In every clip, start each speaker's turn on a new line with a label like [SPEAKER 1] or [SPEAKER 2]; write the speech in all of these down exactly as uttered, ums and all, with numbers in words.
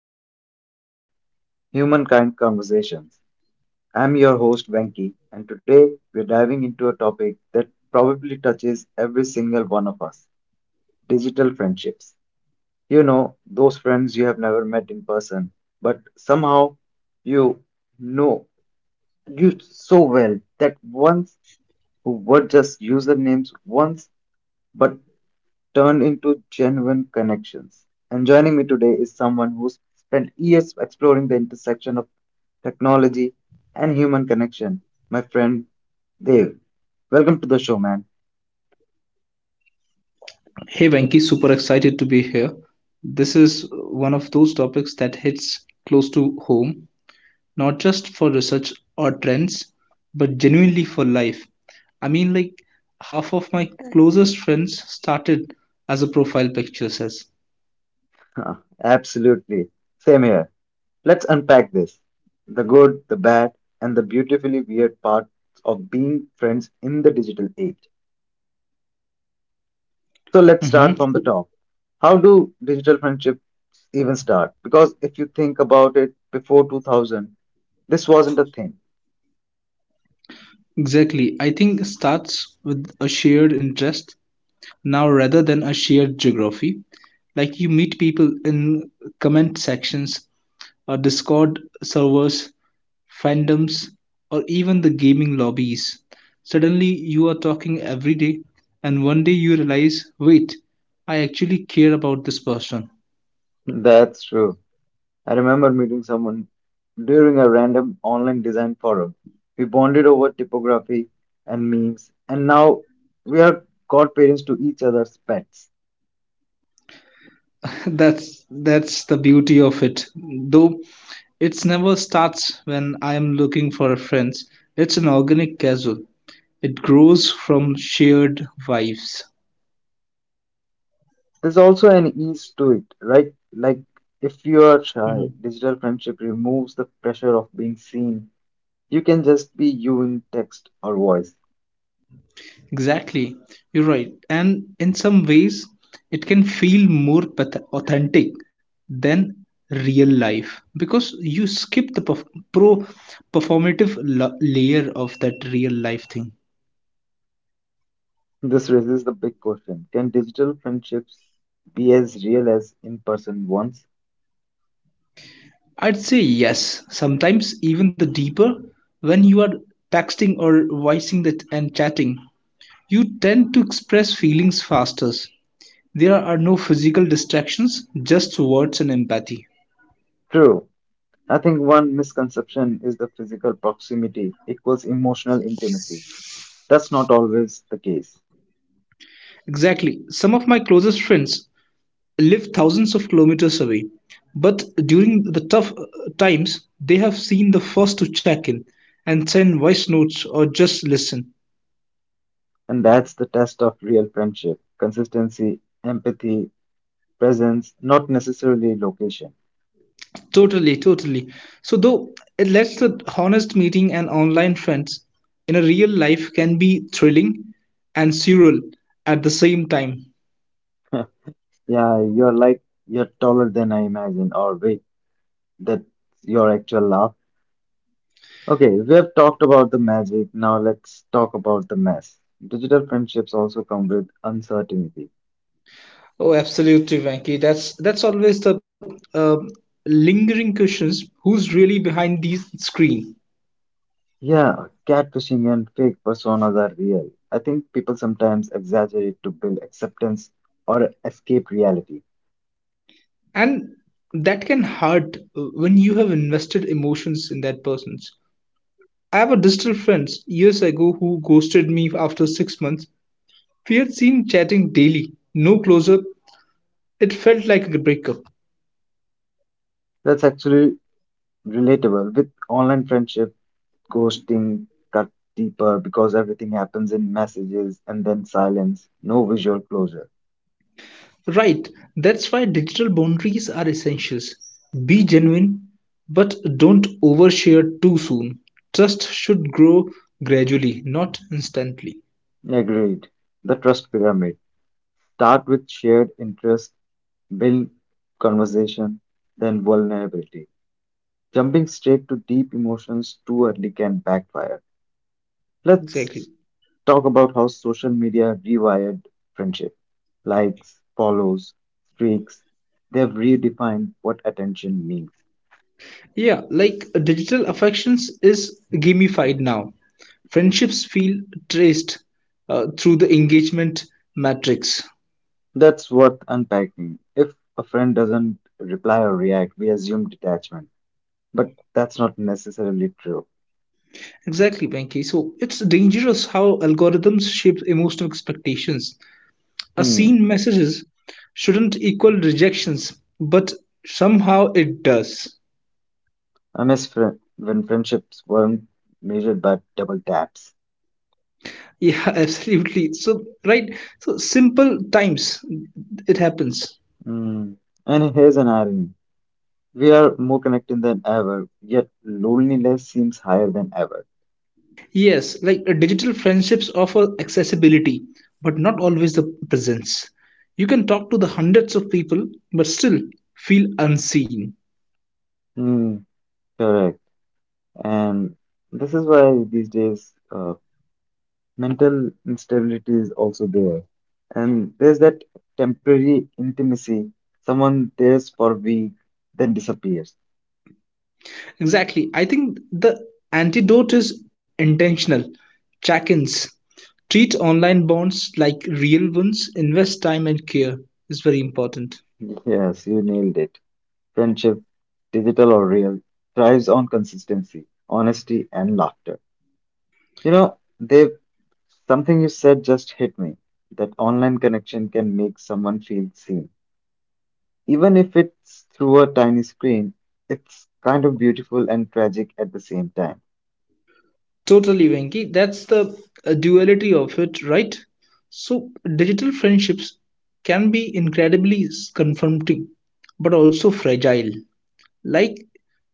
[SPEAKER 1] another episode of Humankind Conversations. I'm your host Venki, and today we're diving into a topic that probably touches every single one of us: digital friendships. You know, those friends you have never met in person, but somehow you know you so well that once who were just usernames once, but turn into genuine connections. And joining me today is someone who spent years exploring the intersection of technology and human connection, my friend Dave. Welcome to the show, man.
[SPEAKER 2] Hey Venki, super excited to be here. This is one of those topics that hits close to home, not just for research or trends, but genuinely for life. I mean, like half of my closest friends started as a profile picture says.
[SPEAKER 1] Absolutely. Same here. Let's unpack this, the good, the bad, and the beautifully weird parts of being friends in the digital age. So let's
[SPEAKER 2] hmm
[SPEAKER 1] start from the top. How do digital friendships even start? Because if you think about it, before two thousand, this wasn't a thing.
[SPEAKER 2] Exactly. I think it starts with a shared interest now rather than a shared geography. Like you meet people in comment sections or Discord servers fandoms, or even the gaming lobbies. Suddenly, you are talking every day, and one day you realize, wait, I actually care about this person.
[SPEAKER 1] That's true. I remember meeting someone during a random online design forum. We bonded over typography and memes, and now we are godparents to each other's pets.
[SPEAKER 2] that's that's the beauty of it. Though it's never starts when I am looking for friends. It's an organic casual. It grows from shared vibes.
[SPEAKER 1] There's also an ease to it, right? Like if you are shy,
[SPEAKER 2] Mhm.
[SPEAKER 1] digital friendship removes the pressure of being seen. You can just be you in text or voice.
[SPEAKER 2] Exactly, you're right. And in some ways, it can feel more path- authentic than real life because you skip the perf- pro performative la- layer of that real life thing.
[SPEAKER 1] This raises the big question. Can digital friendships be as real as in person ones?
[SPEAKER 2] I'd say yes, sometimes even the deeper when you are texting or voicing that and chatting. You tend to express feelings faster. There are no physical distractions, just words and empathy.
[SPEAKER 1] True. I think one misconception is the physical proximity equals emotional intimacy. That's not always the case.
[SPEAKER 2] Exactly. Some of my closest friends live thousands of kilometers away, but during the tough uh, times, they have seen the first to check in and send voice notes or just listen.
[SPEAKER 1] And that's the test of real friendship: consistency, empathy, presence, not necessarily location.
[SPEAKER 2] Totally, totally. So, though it lets the honest meeting and online friends in a real life can be thrilling and surreal at the same time.
[SPEAKER 1] Yeah, you're like, you're taller than I imagine, or wait, that's your actual laugh. Okay, we have talked about the magic. Now let's talk about the mess. Digital friendships also come with uncertainty.
[SPEAKER 2] Oh, absolutely, Venki. That's that's always the uh, lingering questions. Who's really behind these screen?
[SPEAKER 1] Yeah, catfishing and fake personas are real. I think people sometimes exaggerate to build acceptance or escape reality.
[SPEAKER 2] And that can hurt uh, when you have invested emotions in that person. I have a digital friend years ago who ghosted me after six months. We had seen chatting daily. No closure. It felt like a breakup.
[SPEAKER 1] That's actually relatable. With online friendship, ghosting cut deeper because everything happens in messages and then silence, no visual closure.
[SPEAKER 2] Right, that's why digital boundaries are essentials. Be genuine, but don't overshare too soon. Trust should grow gradually, not instantly.
[SPEAKER 1] Agreed. The trust pyramid. Start with shared interest, build conversation, then vulnerability. Jumping straight to deep emotions too early can backfire.
[SPEAKER 2] Exactly.
[SPEAKER 1] Let's talk about how social media rewired friendship. Likes, follows, streaks, they've redefined what attention means.
[SPEAKER 2] Yeah, like uh, digital affections is gamified now. Friendships feel traced uh, through the engagement matrix.
[SPEAKER 1] That's worth unpacking. If a friend doesn't reply or react, we assume detachment. But that's not necessarily true.
[SPEAKER 2] Exactly, Venki. So it's dangerous how algorithms shape emotional expectations. A
[SPEAKER 1] Hmm.
[SPEAKER 2] seen messages shouldn't equal rejections, but somehow it does.
[SPEAKER 1] I miss fri- when friendships weren't measured by double taps.
[SPEAKER 2] Yeah, absolutely. So, right. So, simple times it happens.
[SPEAKER 1] Hmm. And here's an irony. We are more connected than ever, yet loneliness seems higher than ever.
[SPEAKER 2] Yes, like uh, digital friendships offer accessibility, but not always the presence. You can talk to the hundreds of people, but still feel unseen.
[SPEAKER 1] Hmm. Correct. And this is why these days uh, mental instability is also there. And there's that temporary intimacy. Someone there's for a week, then disappears.
[SPEAKER 2] Exactly. I think the antidote is intentional. Check ins. Treat online bonds like real ones, invest time and care is very important.
[SPEAKER 1] Yes, you nailed it. Friendship, digital or real, thrives on consistency, honesty, and laughter. You know, they something you said just hit me. That online connection can make someone feel seen. Even if it's through a tiny screen, it's kind of beautiful and tragic at the same time.
[SPEAKER 2] Totally, Venki. That's the uh, duality of it, right? So, digital friendships can be incredibly s- comforting, but also fragile. Like,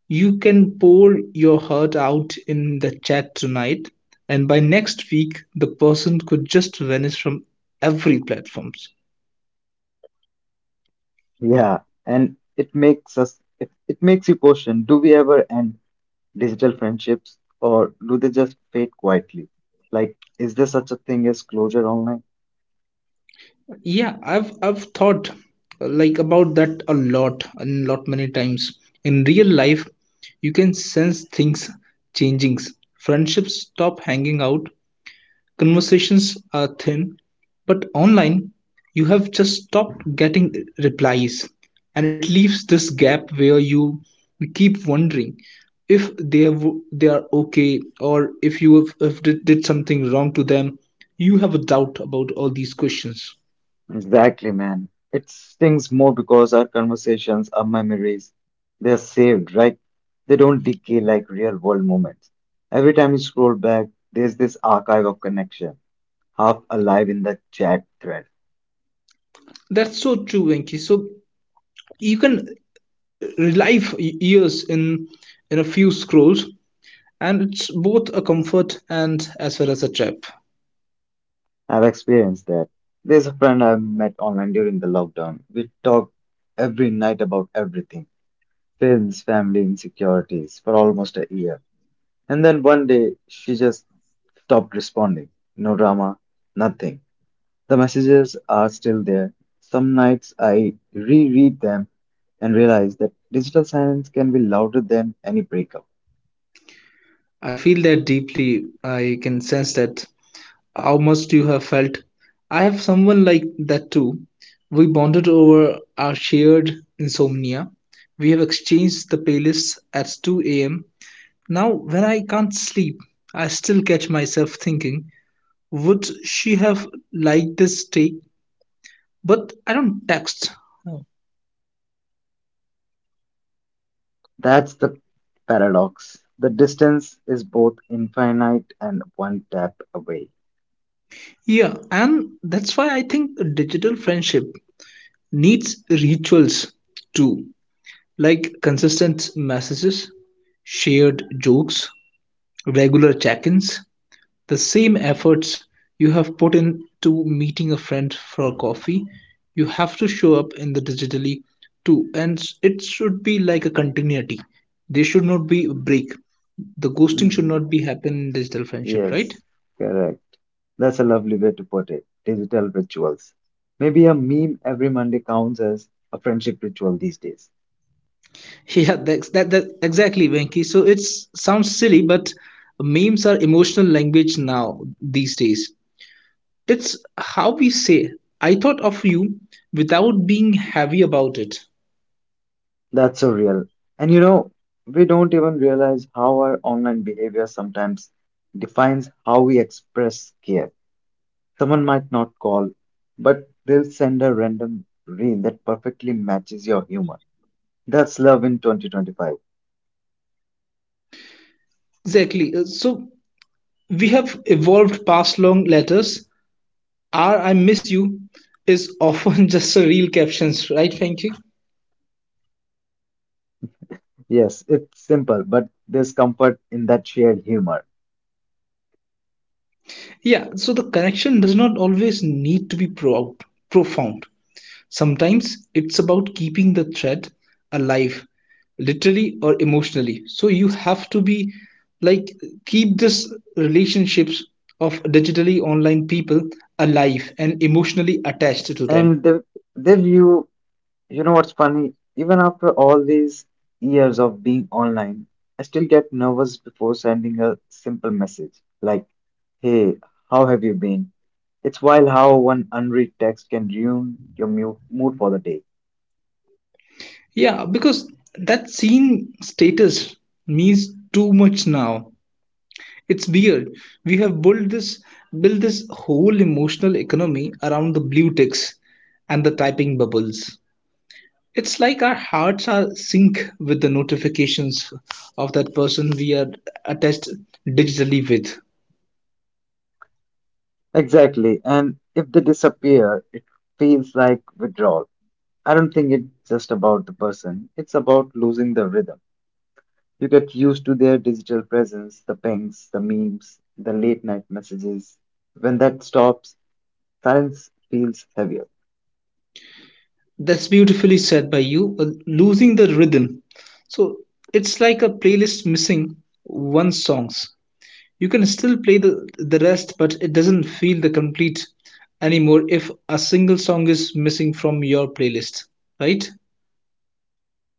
[SPEAKER 2] you can pour your heart out in the chat tonight, and by next week, the person could just vanish from every platform.
[SPEAKER 1] Yeah, and it makes us it, it makes you question, do we ever end digital friendships or do they just fade quietly? Like, is there such a thing as closure online?
[SPEAKER 2] Yeah, I've I've thought uh, like about that a lot, a lot many times. In real life, you can sense things changing. Friendships stop hanging out, conversations are thin, but online, you have just stopped getting replies, and it leaves this gap where you keep wondering if they have, they are okay or if you have, have did, did something wrong to them. You have a doubt about all these questions.
[SPEAKER 1] Exactly, man. It stings more because our conversations, our memories, they're saved, right? They don't decay like real world moments. Every time you scroll back, there's this archive of connection, half alive in the chat thread.
[SPEAKER 2] That's so true, Venki. So you can uh, relive y- years in in a few scrolls, and it's both a comfort and as well as a trap.
[SPEAKER 1] I've experienced that. There's a friend I met online during the lockdown. We talked every night about everything: films, family, insecurities for almost a year. And then one day, she just stopped responding. No drama, nothing. The messages are still there. Some nights I reread them and realize that digital silence can be louder than any breakup.
[SPEAKER 2] I feel that deeply. I can sense that how much you have felt. I have someone like that too. We bonded over our shared insomnia. We have exchanged the playlists at two a m. Now, when I can't sleep, I still catch myself thinking, would she have liked this take? But I don't text. Oh.
[SPEAKER 1] That's the paradox. The distance is both infinite and one tap away.
[SPEAKER 2] Yeah, and that's why I think digital friendship needs rituals too, like consistent messages, shared jokes, regular check ins, the same efforts you have put into meeting a friend for coffee, you have to show up in the digitally too. And s- it should be like a continuity. There should not be a break. The ghosting should
[SPEAKER 1] Mm,
[SPEAKER 2] not be happen in digital friendship, right?
[SPEAKER 1] yes, correct. That's a lovely way to put it. Digital rituals. Maybe a meme every Monday counts as a friendship ritual these days.
[SPEAKER 2] Yeah, that's that, that exactly, Venki. So it sounds silly, but memes are emotional language now these days. It's how we say "I thought of you" without being heavy about it.
[SPEAKER 1] That's so real. And you know, we don't even realize how our online behavior sometimes defines how we express care. Someone might not call, but they'll send a random reel that perfectly matches your humor. That's love in twenty twenty-five.
[SPEAKER 2] Exactly. Uh, So we have evolved past long letters. R I miss you is often just a real captions, right, Frankie?
[SPEAKER 1] Yes, it's simple, but there's comfort in that shared humor.
[SPEAKER 2] Yeah, so the connection does not always need to be pro- profound. Sometimes it's about keeping the thread alive, literally or emotionally. So you have to be like keep this relationships of digitally online people alive and emotionally attached to them.
[SPEAKER 1] And th- then you, you know what's funny? Even after all these years of being online, I still get nervous before sending a simple message like, hey, how have you been? It's wild how one unread text can ruin your mu- mood for the day.
[SPEAKER 2] Yeah, because that scene status means too much now. It's weird. We have built this built this whole emotional economy around the blue ticks and the typing bubbles. It's like our hearts are sync with the notifications of that person we are attached digitally with.
[SPEAKER 1] Exactly. And if they disappear, it feels like withdrawal. I don't think it's just about the person, it's about losing the rhythm. You get used to their digital presence, the pings, the memes, the late night messages. When that stops, silence feels heavier.
[SPEAKER 2] That's beautifully said by you. uh, Losing the rhythm. So it's like a playlist missing one songs. You can still play the the rest but it doesn't feel the complete anymore if a single song is missing from your playlist, right?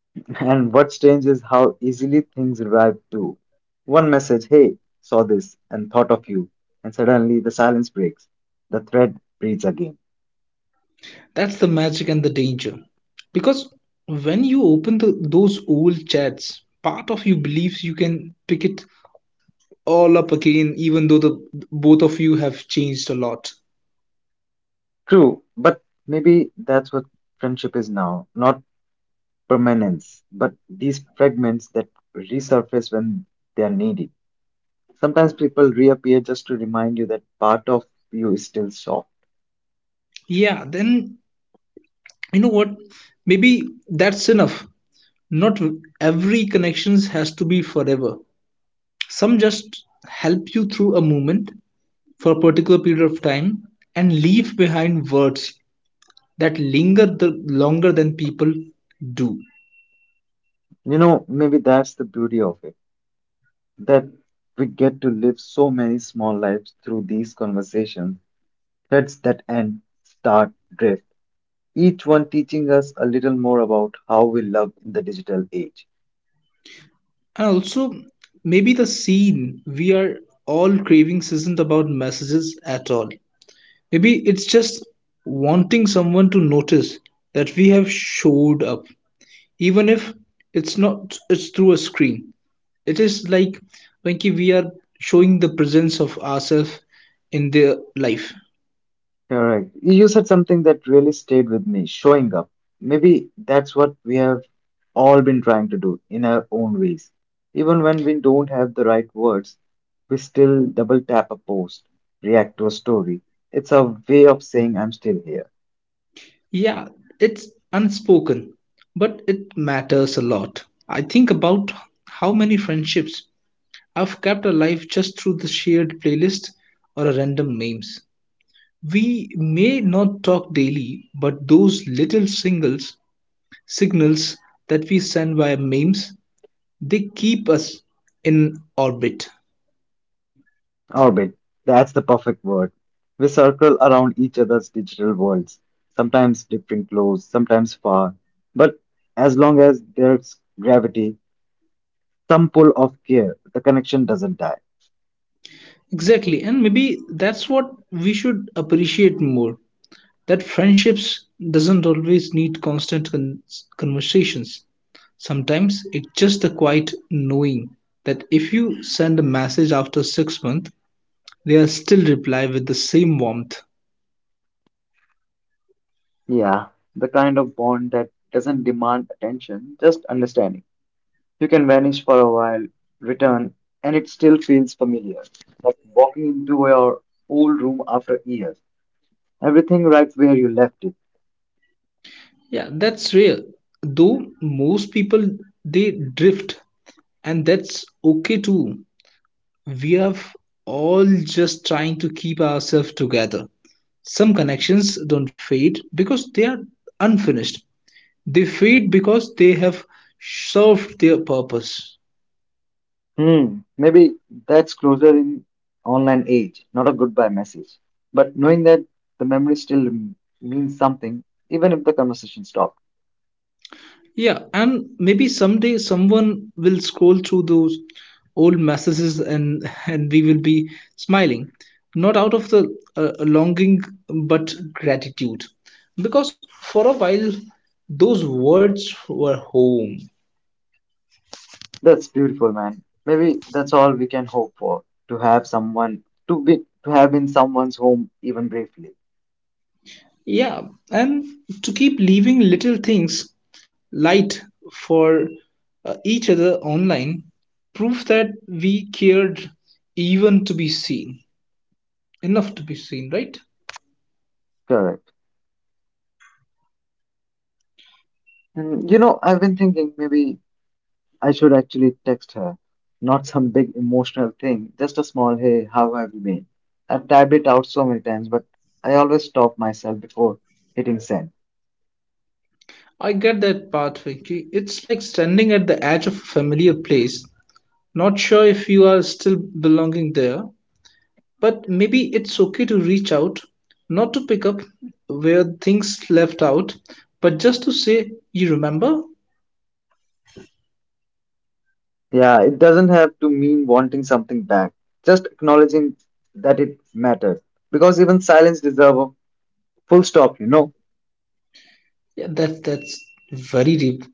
[SPEAKER 1] And what's strange is how easily things revive too. One message, hey, saw this and thought of you, and suddenly the silence breaks. The thread breathes again.
[SPEAKER 2] That's the magic and the danger, because when you open the, those old chats part of you believes can pick it all up again even though the both of you have changed a lot.
[SPEAKER 1] True, but maybe that's what friendship is now, not permanence, but these fragments that resurface when they are needed. Sometimes people reappear just to remind you that part of you is still soft.
[SPEAKER 2] Yeah, then you know what, maybe that's enough. Not every connections has to be forever. Some just help you through a moment for a particular period of time and leave behind words that linger the longer than people do.
[SPEAKER 1] You know, maybe that's the beauty of it, that we get to live so many small lives through these conversations, threads that end, start, drift, each one teaching us a little more about how we love in the digital age.
[SPEAKER 2] And also, maybe the scene we are all craving isn't about messages at all. Maybe it's just wanting someone to notice that we have showed up, even if it's not it's through a screen. It is like when we are showing the presence of ourselves in their life.
[SPEAKER 1] Correct. You said something that really stayed with me, showing up. Maybe that's what we have all been trying to do in our own ways. Even when we don't have the right words, we still double tap a post, react to a story. It's a way of saying I'm still here.
[SPEAKER 2] Yeah, it's unspoken, but it matters a lot. I think about how many friendships I've kept alive just through the shared playlist or a random memes. We may not talk daily, but those little singles signals that we send via memes, they keep us in orbit.
[SPEAKER 1] Orbit, that's the perfect word. We circle around each other's digital worlds, sometimes different close, sometimes far. But as long as there's gravity, some pull of care, the connection doesn't die.
[SPEAKER 2] Exactly, and maybe that's what we should appreciate more. That friendships doesn't always need constant con- conversations. Sometimes it's just the quiet knowing that if you send a message after six months they are still reply with the same warmth.
[SPEAKER 1] Yeah, the kind of bond that doesn't demand attention, just understanding. You can vanish for a while, return, and it still feels familiar, like walking into your old room after years. Everything right where you left it.
[SPEAKER 2] Yeah, that's rare, though most people they drift, and that's okay too. We are all just trying to keep ourselves together. Some connections don't fade because they are unfinished. They feed because they have served their purpose.
[SPEAKER 1] Hmm, maybe that's closer in online age, not a goodbye message. But knowing that the memory still means something, even if the conversation stops.
[SPEAKER 2] Yeah, and maybe someday someone will scroll through those old messages and and we will be smiling, not out of the uh, longing but gratitude, because for a while those words were home.
[SPEAKER 1] That's beautiful, man. Maybe that's all we can hope for, to have someone to be to have in someone's home even briefly.
[SPEAKER 2] Yeah, and to keep leaving little things light for uh, each other online, proof that we cared, even to be seen, enough to be seen, right?
[SPEAKER 1] Correct. And you know, I've been thinking maybe I should actually text her. Not some big emotional thing, just a small hey, how have you been? I've typed it out so many times, but I always stop myself before hitting send.
[SPEAKER 2] I get that part Vicky. It's like standing at the edge of a familiar place, not sure if you are still belonging there, but maybe it's okay to reach out, not to pick up where things left out, but just to say you remember.
[SPEAKER 1] Yeah, it doesn't have to mean wanting something back, just acknowledging that it matters. Because even silence deserves a full stop, you know.
[SPEAKER 2] Yeah, that that's very deep,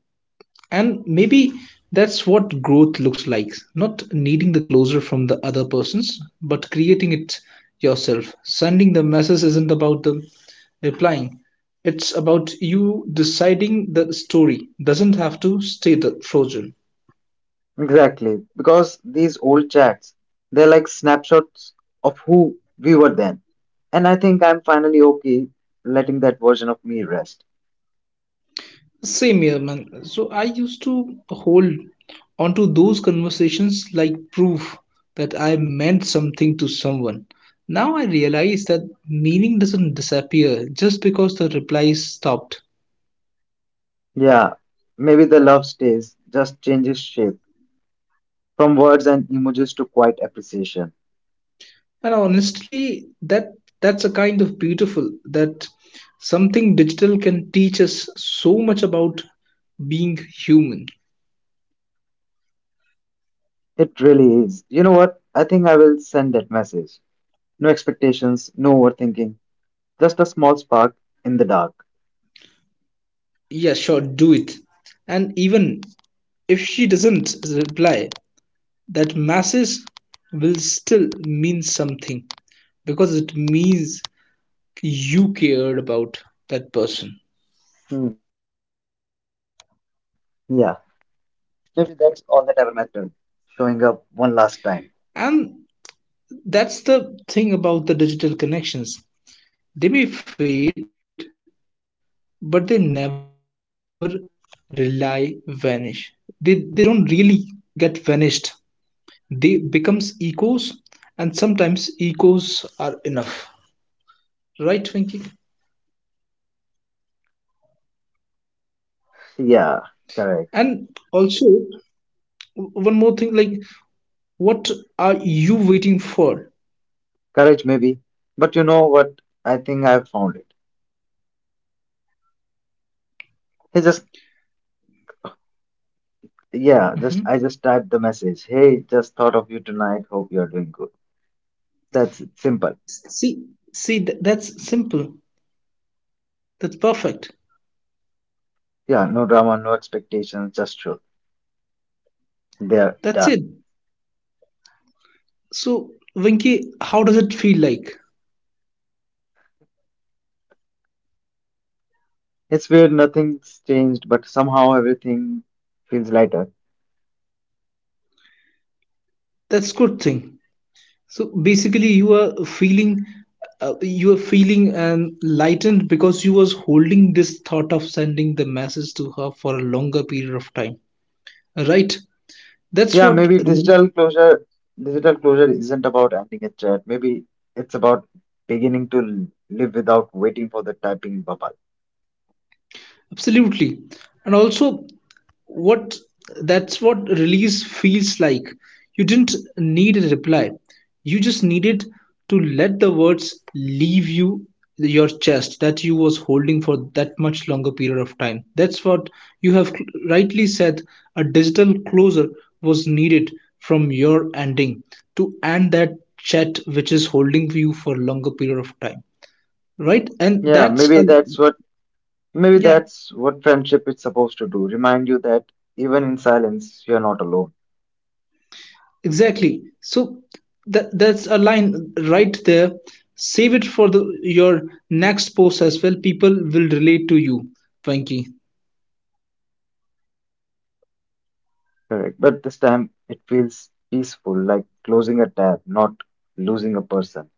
[SPEAKER 2] and maybe that's what growth looks like, not needing the closure from the other persons but creating it yourself. Sending the message isn't about them replying, it's about you deciding the story doesn't have to stay the frozen.
[SPEAKER 1] Exactly, because these old chats, they're like snapshots of who we were then. And I think I'm finally okay letting that version of me rest.
[SPEAKER 2] Same here, man. So I used to hold onto those conversations like proof that I meant something to someone. Now I realize that meaning doesn't disappear just because the replies stopped.
[SPEAKER 1] Yeah, maybe the love stays, just changes shape from words and emojis to quiet appreciation.
[SPEAKER 2] And honestly, that that's a kind of beautiful that something digital can teach us so much about being human.
[SPEAKER 1] It really is. You know what? I think I will send that message. No expectations, no overthinking, just a small spark in the dark.
[SPEAKER 2] Yeah, sure, do it. And even if she doesn't reply, that masses will still mean something because it means you cared about that person.
[SPEAKER 1] Hmm. Yeah, maybe that's all that ever mattered. Showing up one last time.
[SPEAKER 2] And that's the thing about the digital connections. They may fade, but they never rely vanish. They they don't really get vanished. They becomes echoes, and sometimes echoes are enough. Right, Twinkie? And
[SPEAKER 1] Yeah,
[SPEAKER 2] also
[SPEAKER 1] correct.
[SPEAKER 2] one more thing, like what are you waiting for?
[SPEAKER 1] Courage, maybe. But you know what? I think I found it. He just,
[SPEAKER 2] Mhm.
[SPEAKER 1] yeah, just, I just typed the message. Hey, just thought of you tonight. Hope you're doing good. That's it. Simple.
[SPEAKER 2] See, see, th- that's simple. That's perfect.
[SPEAKER 1] Yeah, no drama, no expectations, just truth. They're
[SPEAKER 2] That's it.
[SPEAKER 1] done.
[SPEAKER 2] So, Vinky, how does it feel like?
[SPEAKER 1] It's weird, nothing's changed, but somehow everything feels lighter.
[SPEAKER 2] That's good thing. So basically, you are feeling, uh, you are feeling um, lightened because you was holding this thought of sending the message to her for a longer period of time, right? That's
[SPEAKER 1] Yeah,
[SPEAKER 2] what.
[SPEAKER 1] maybe digital closure, digital closure isn't about ending a chat. Maybe it's about beginning to live without waiting for the typing bubble.
[SPEAKER 2] Absolutely. And also, what that's what release feels like. You didn't need a reply. You just needed to let the words leave you your chest that you was holding for that much longer period of time. That's what you have rightly said. A digital closure was needed from your ending to end that chat which is holding you for longer period of time. Right? And
[SPEAKER 1] Yeah,
[SPEAKER 2] that's a
[SPEAKER 1] maybe that's what maybe
[SPEAKER 2] yeah.
[SPEAKER 1] that's what friendship is supposed to do, remind you that even in silence, you're not alone.
[SPEAKER 2] Exactly. So that that's a line right there. Save it for the your next post as well. People will relate to you, Venki.
[SPEAKER 1] Correct. But this time, it feels peaceful, like closing a tab, not losing a person.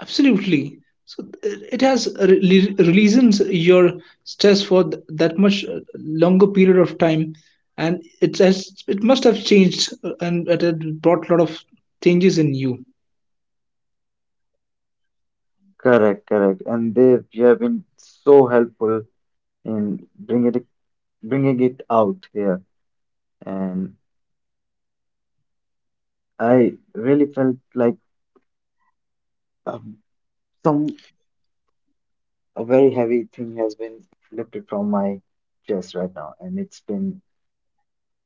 [SPEAKER 2] Absolutely. So uh, it has re- releases your stress for th- that much uh, longer period of time, and it has it must have changed uh, and it had brought a lot of changes in you.
[SPEAKER 1] Correct, correct. And they, you have been so helpful in bringing it, bringing it out here. And I really felt like um, some a very heavy thing has been lifted from my chest right now, and it's been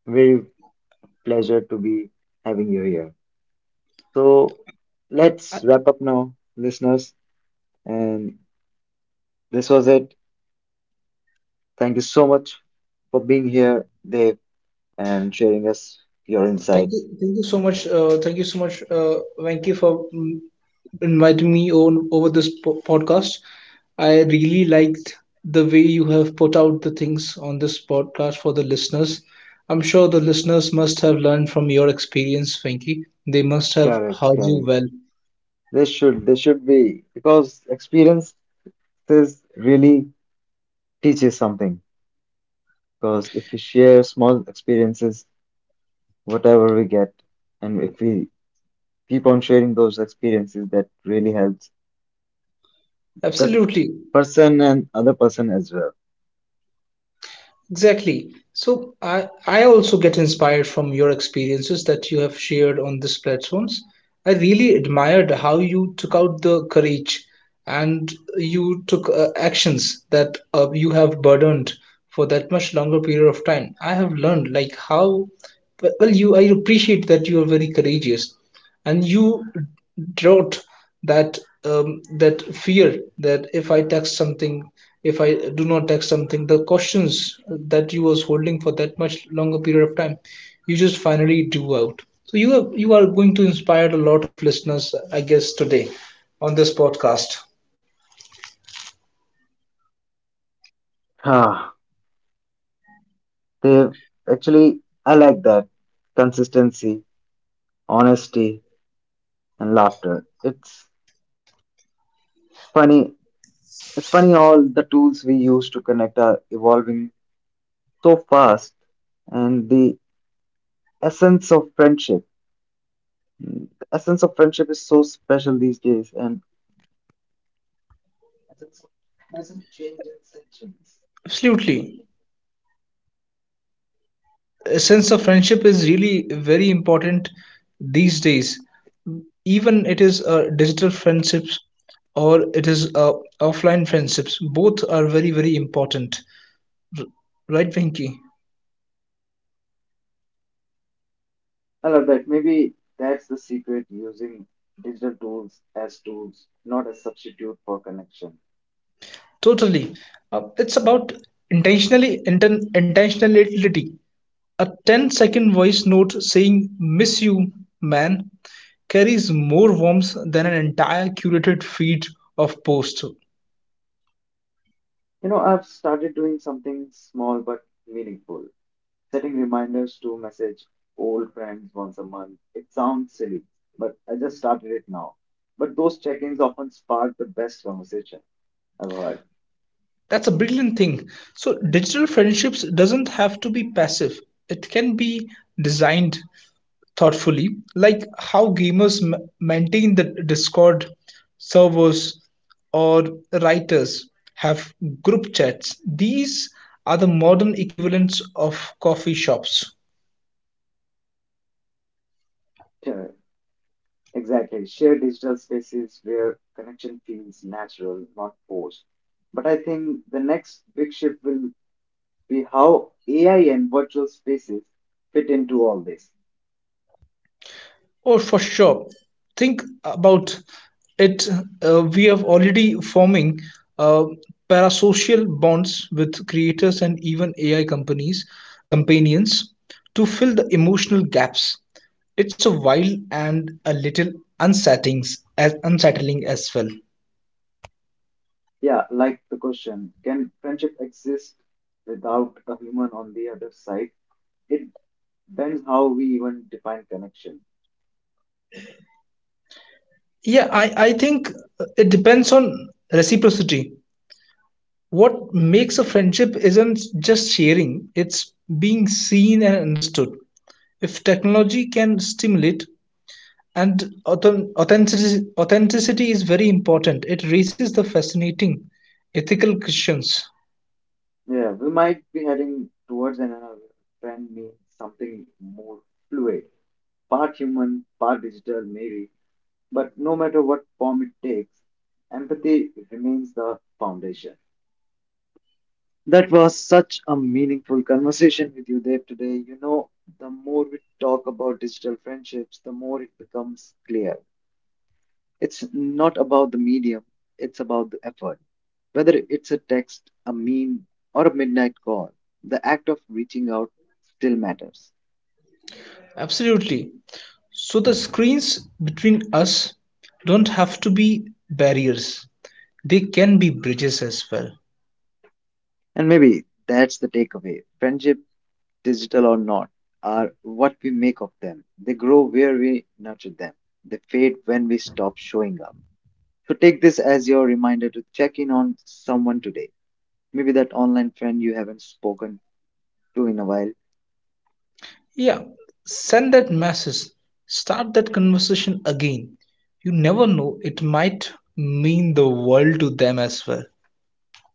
[SPEAKER 1] very pleasure to be having you here. So let's wrap up now, listeners. And this was it. Thank you so much for being here, Dave, and sharing us your
[SPEAKER 2] Thank
[SPEAKER 1] insights.
[SPEAKER 2] you, thank you so much. Uh, thank you so much, uh, Venki, for mm, inviting me on over this po- podcast. I really liked the way you have put out the things on this podcast for the listeners. I'm sure the listeners must have learned from your experience, Venki. They must have
[SPEAKER 1] Correct,
[SPEAKER 2] heard you
[SPEAKER 1] correct.
[SPEAKER 2] well.
[SPEAKER 1] They should, they should be, because experiences really teach you something. Because if we share small experiences, whatever we get, and if we keep on sharing those experiences, that really helps that
[SPEAKER 2] Absolutely.
[SPEAKER 1] person and other person as well.
[SPEAKER 2] Exactly. So I I also get inspired from your experiences that you have shared on these platforms. I really admired how you took out the courage and you took uh, actions that uh, you have burdened for that much longer period of time. I have learned like how well well, you I appreciate that you are very courageous and you wrote that um, that fear that if I text something, if I do not text something, the questions that you was holding for that much longer period of time, you just finally do out. So you are, you are going to inspire a lot of listeners, I guess, today on this podcast.
[SPEAKER 1] Ah, they actually, I like that: consistency, honesty, and laughter. It's funny. It's funny all the tools we use to connect are evolving so fast, and the essence of friendship, the essence of friendship is so special these days, and essence hasn't changed in centuries.
[SPEAKER 2] Absolutely. A sense of friendship is really very important these days, even it is uh, digital friendships or it is uh, offline friendships, both are very very important. R- right Vinky?
[SPEAKER 1] I love that. Maybe that's the secret: using digital tools as tools, not as substitute for connection.
[SPEAKER 2] Totally, uh, it's about intentionally inten- intentionality. A ten-second voice note saying miss you man carries more warmth than an entire curated feed of posts.
[SPEAKER 1] You know, I've started doing something small but meaningful, setting reminders to message old friends once a month. It sounds silly, but I just started it now. But those check-ins often spark the best conversation I've heard.
[SPEAKER 2] That's a brilliant thing. So digital friendships doesn't have to be passive. It can be designed thoughtfully, like how gamers m- maintain the Discord servers or writers have group chats. These are the modern equivalents of coffee shops.
[SPEAKER 1] Yeah, exactly. Share digital spaces where connection feels natural, not forced. But I think the next big shift will be how A I and virtual spaces fit into all this.
[SPEAKER 2] Oh, for sure. Think about it. Uh, we are already forming uh, parasocial bonds with creators and even A I companies, companions to fill the emotional gaps. It's a wild and a little unsettling as unsettling as well.
[SPEAKER 1] Yeah, like the question, can friendship exist without a human on the other side? It depends how we even define connection.
[SPEAKER 2] Yeah, I, I think it depends on reciprocity. What makes a friendship isn't just sharing, it's being seen and understood. If technology can stimulate, and authen- authenticity, authenticity is very important, it raises the fascinating ethical questions.
[SPEAKER 1] Yeah, we might be heading towards an another friend means something more fluid, part human, part digital, maybe. But no matter what form it takes, empathy remains the foundation. That was such a meaningful conversation with you, Dave, today. You know, the more we talk about digital friendships, the more it becomes clear. It's not about the medium, it's about the effort. Whether it's a text, a meme, or a midnight call, the act of reaching out still matters.
[SPEAKER 2] Absolutely. So the screens between us don't have to be barriers. They can be bridges as well.
[SPEAKER 1] And maybe that's the takeaway. Friendship, digital or not, are what we make of them. They grow where we nurture them. They fade when we stop showing up. So take this as your reminder to check in on someone today. Maybe that online friend you haven't spoken to in a while,
[SPEAKER 2] Yeah, send that message. Start that conversation again. You never know, it might mean the world to them as well.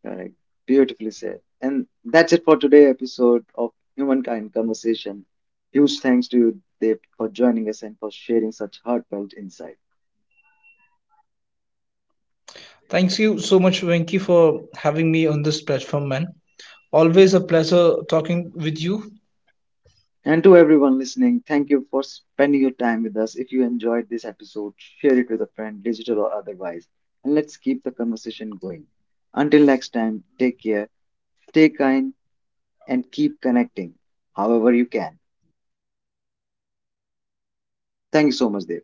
[SPEAKER 1] correct. Beautifully said. And that's it for today' episode of Humankind Conversation. Huge thanks to you, Dave, for joining us and for sharing such heartfelt insight.
[SPEAKER 2] Thanks you so much, Venki, for having me on this platform, man. Always a pleasure talking with you.
[SPEAKER 1] And to everyone listening, thank you for spending your time with us. If you enjoyed this episode, share it with a friend, digital or otherwise. And let's keep the conversation going. Until next time, take care, stay kind, and keep connecting however you can. Thank you so much, Dave.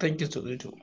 [SPEAKER 2] Thank you, so- you too.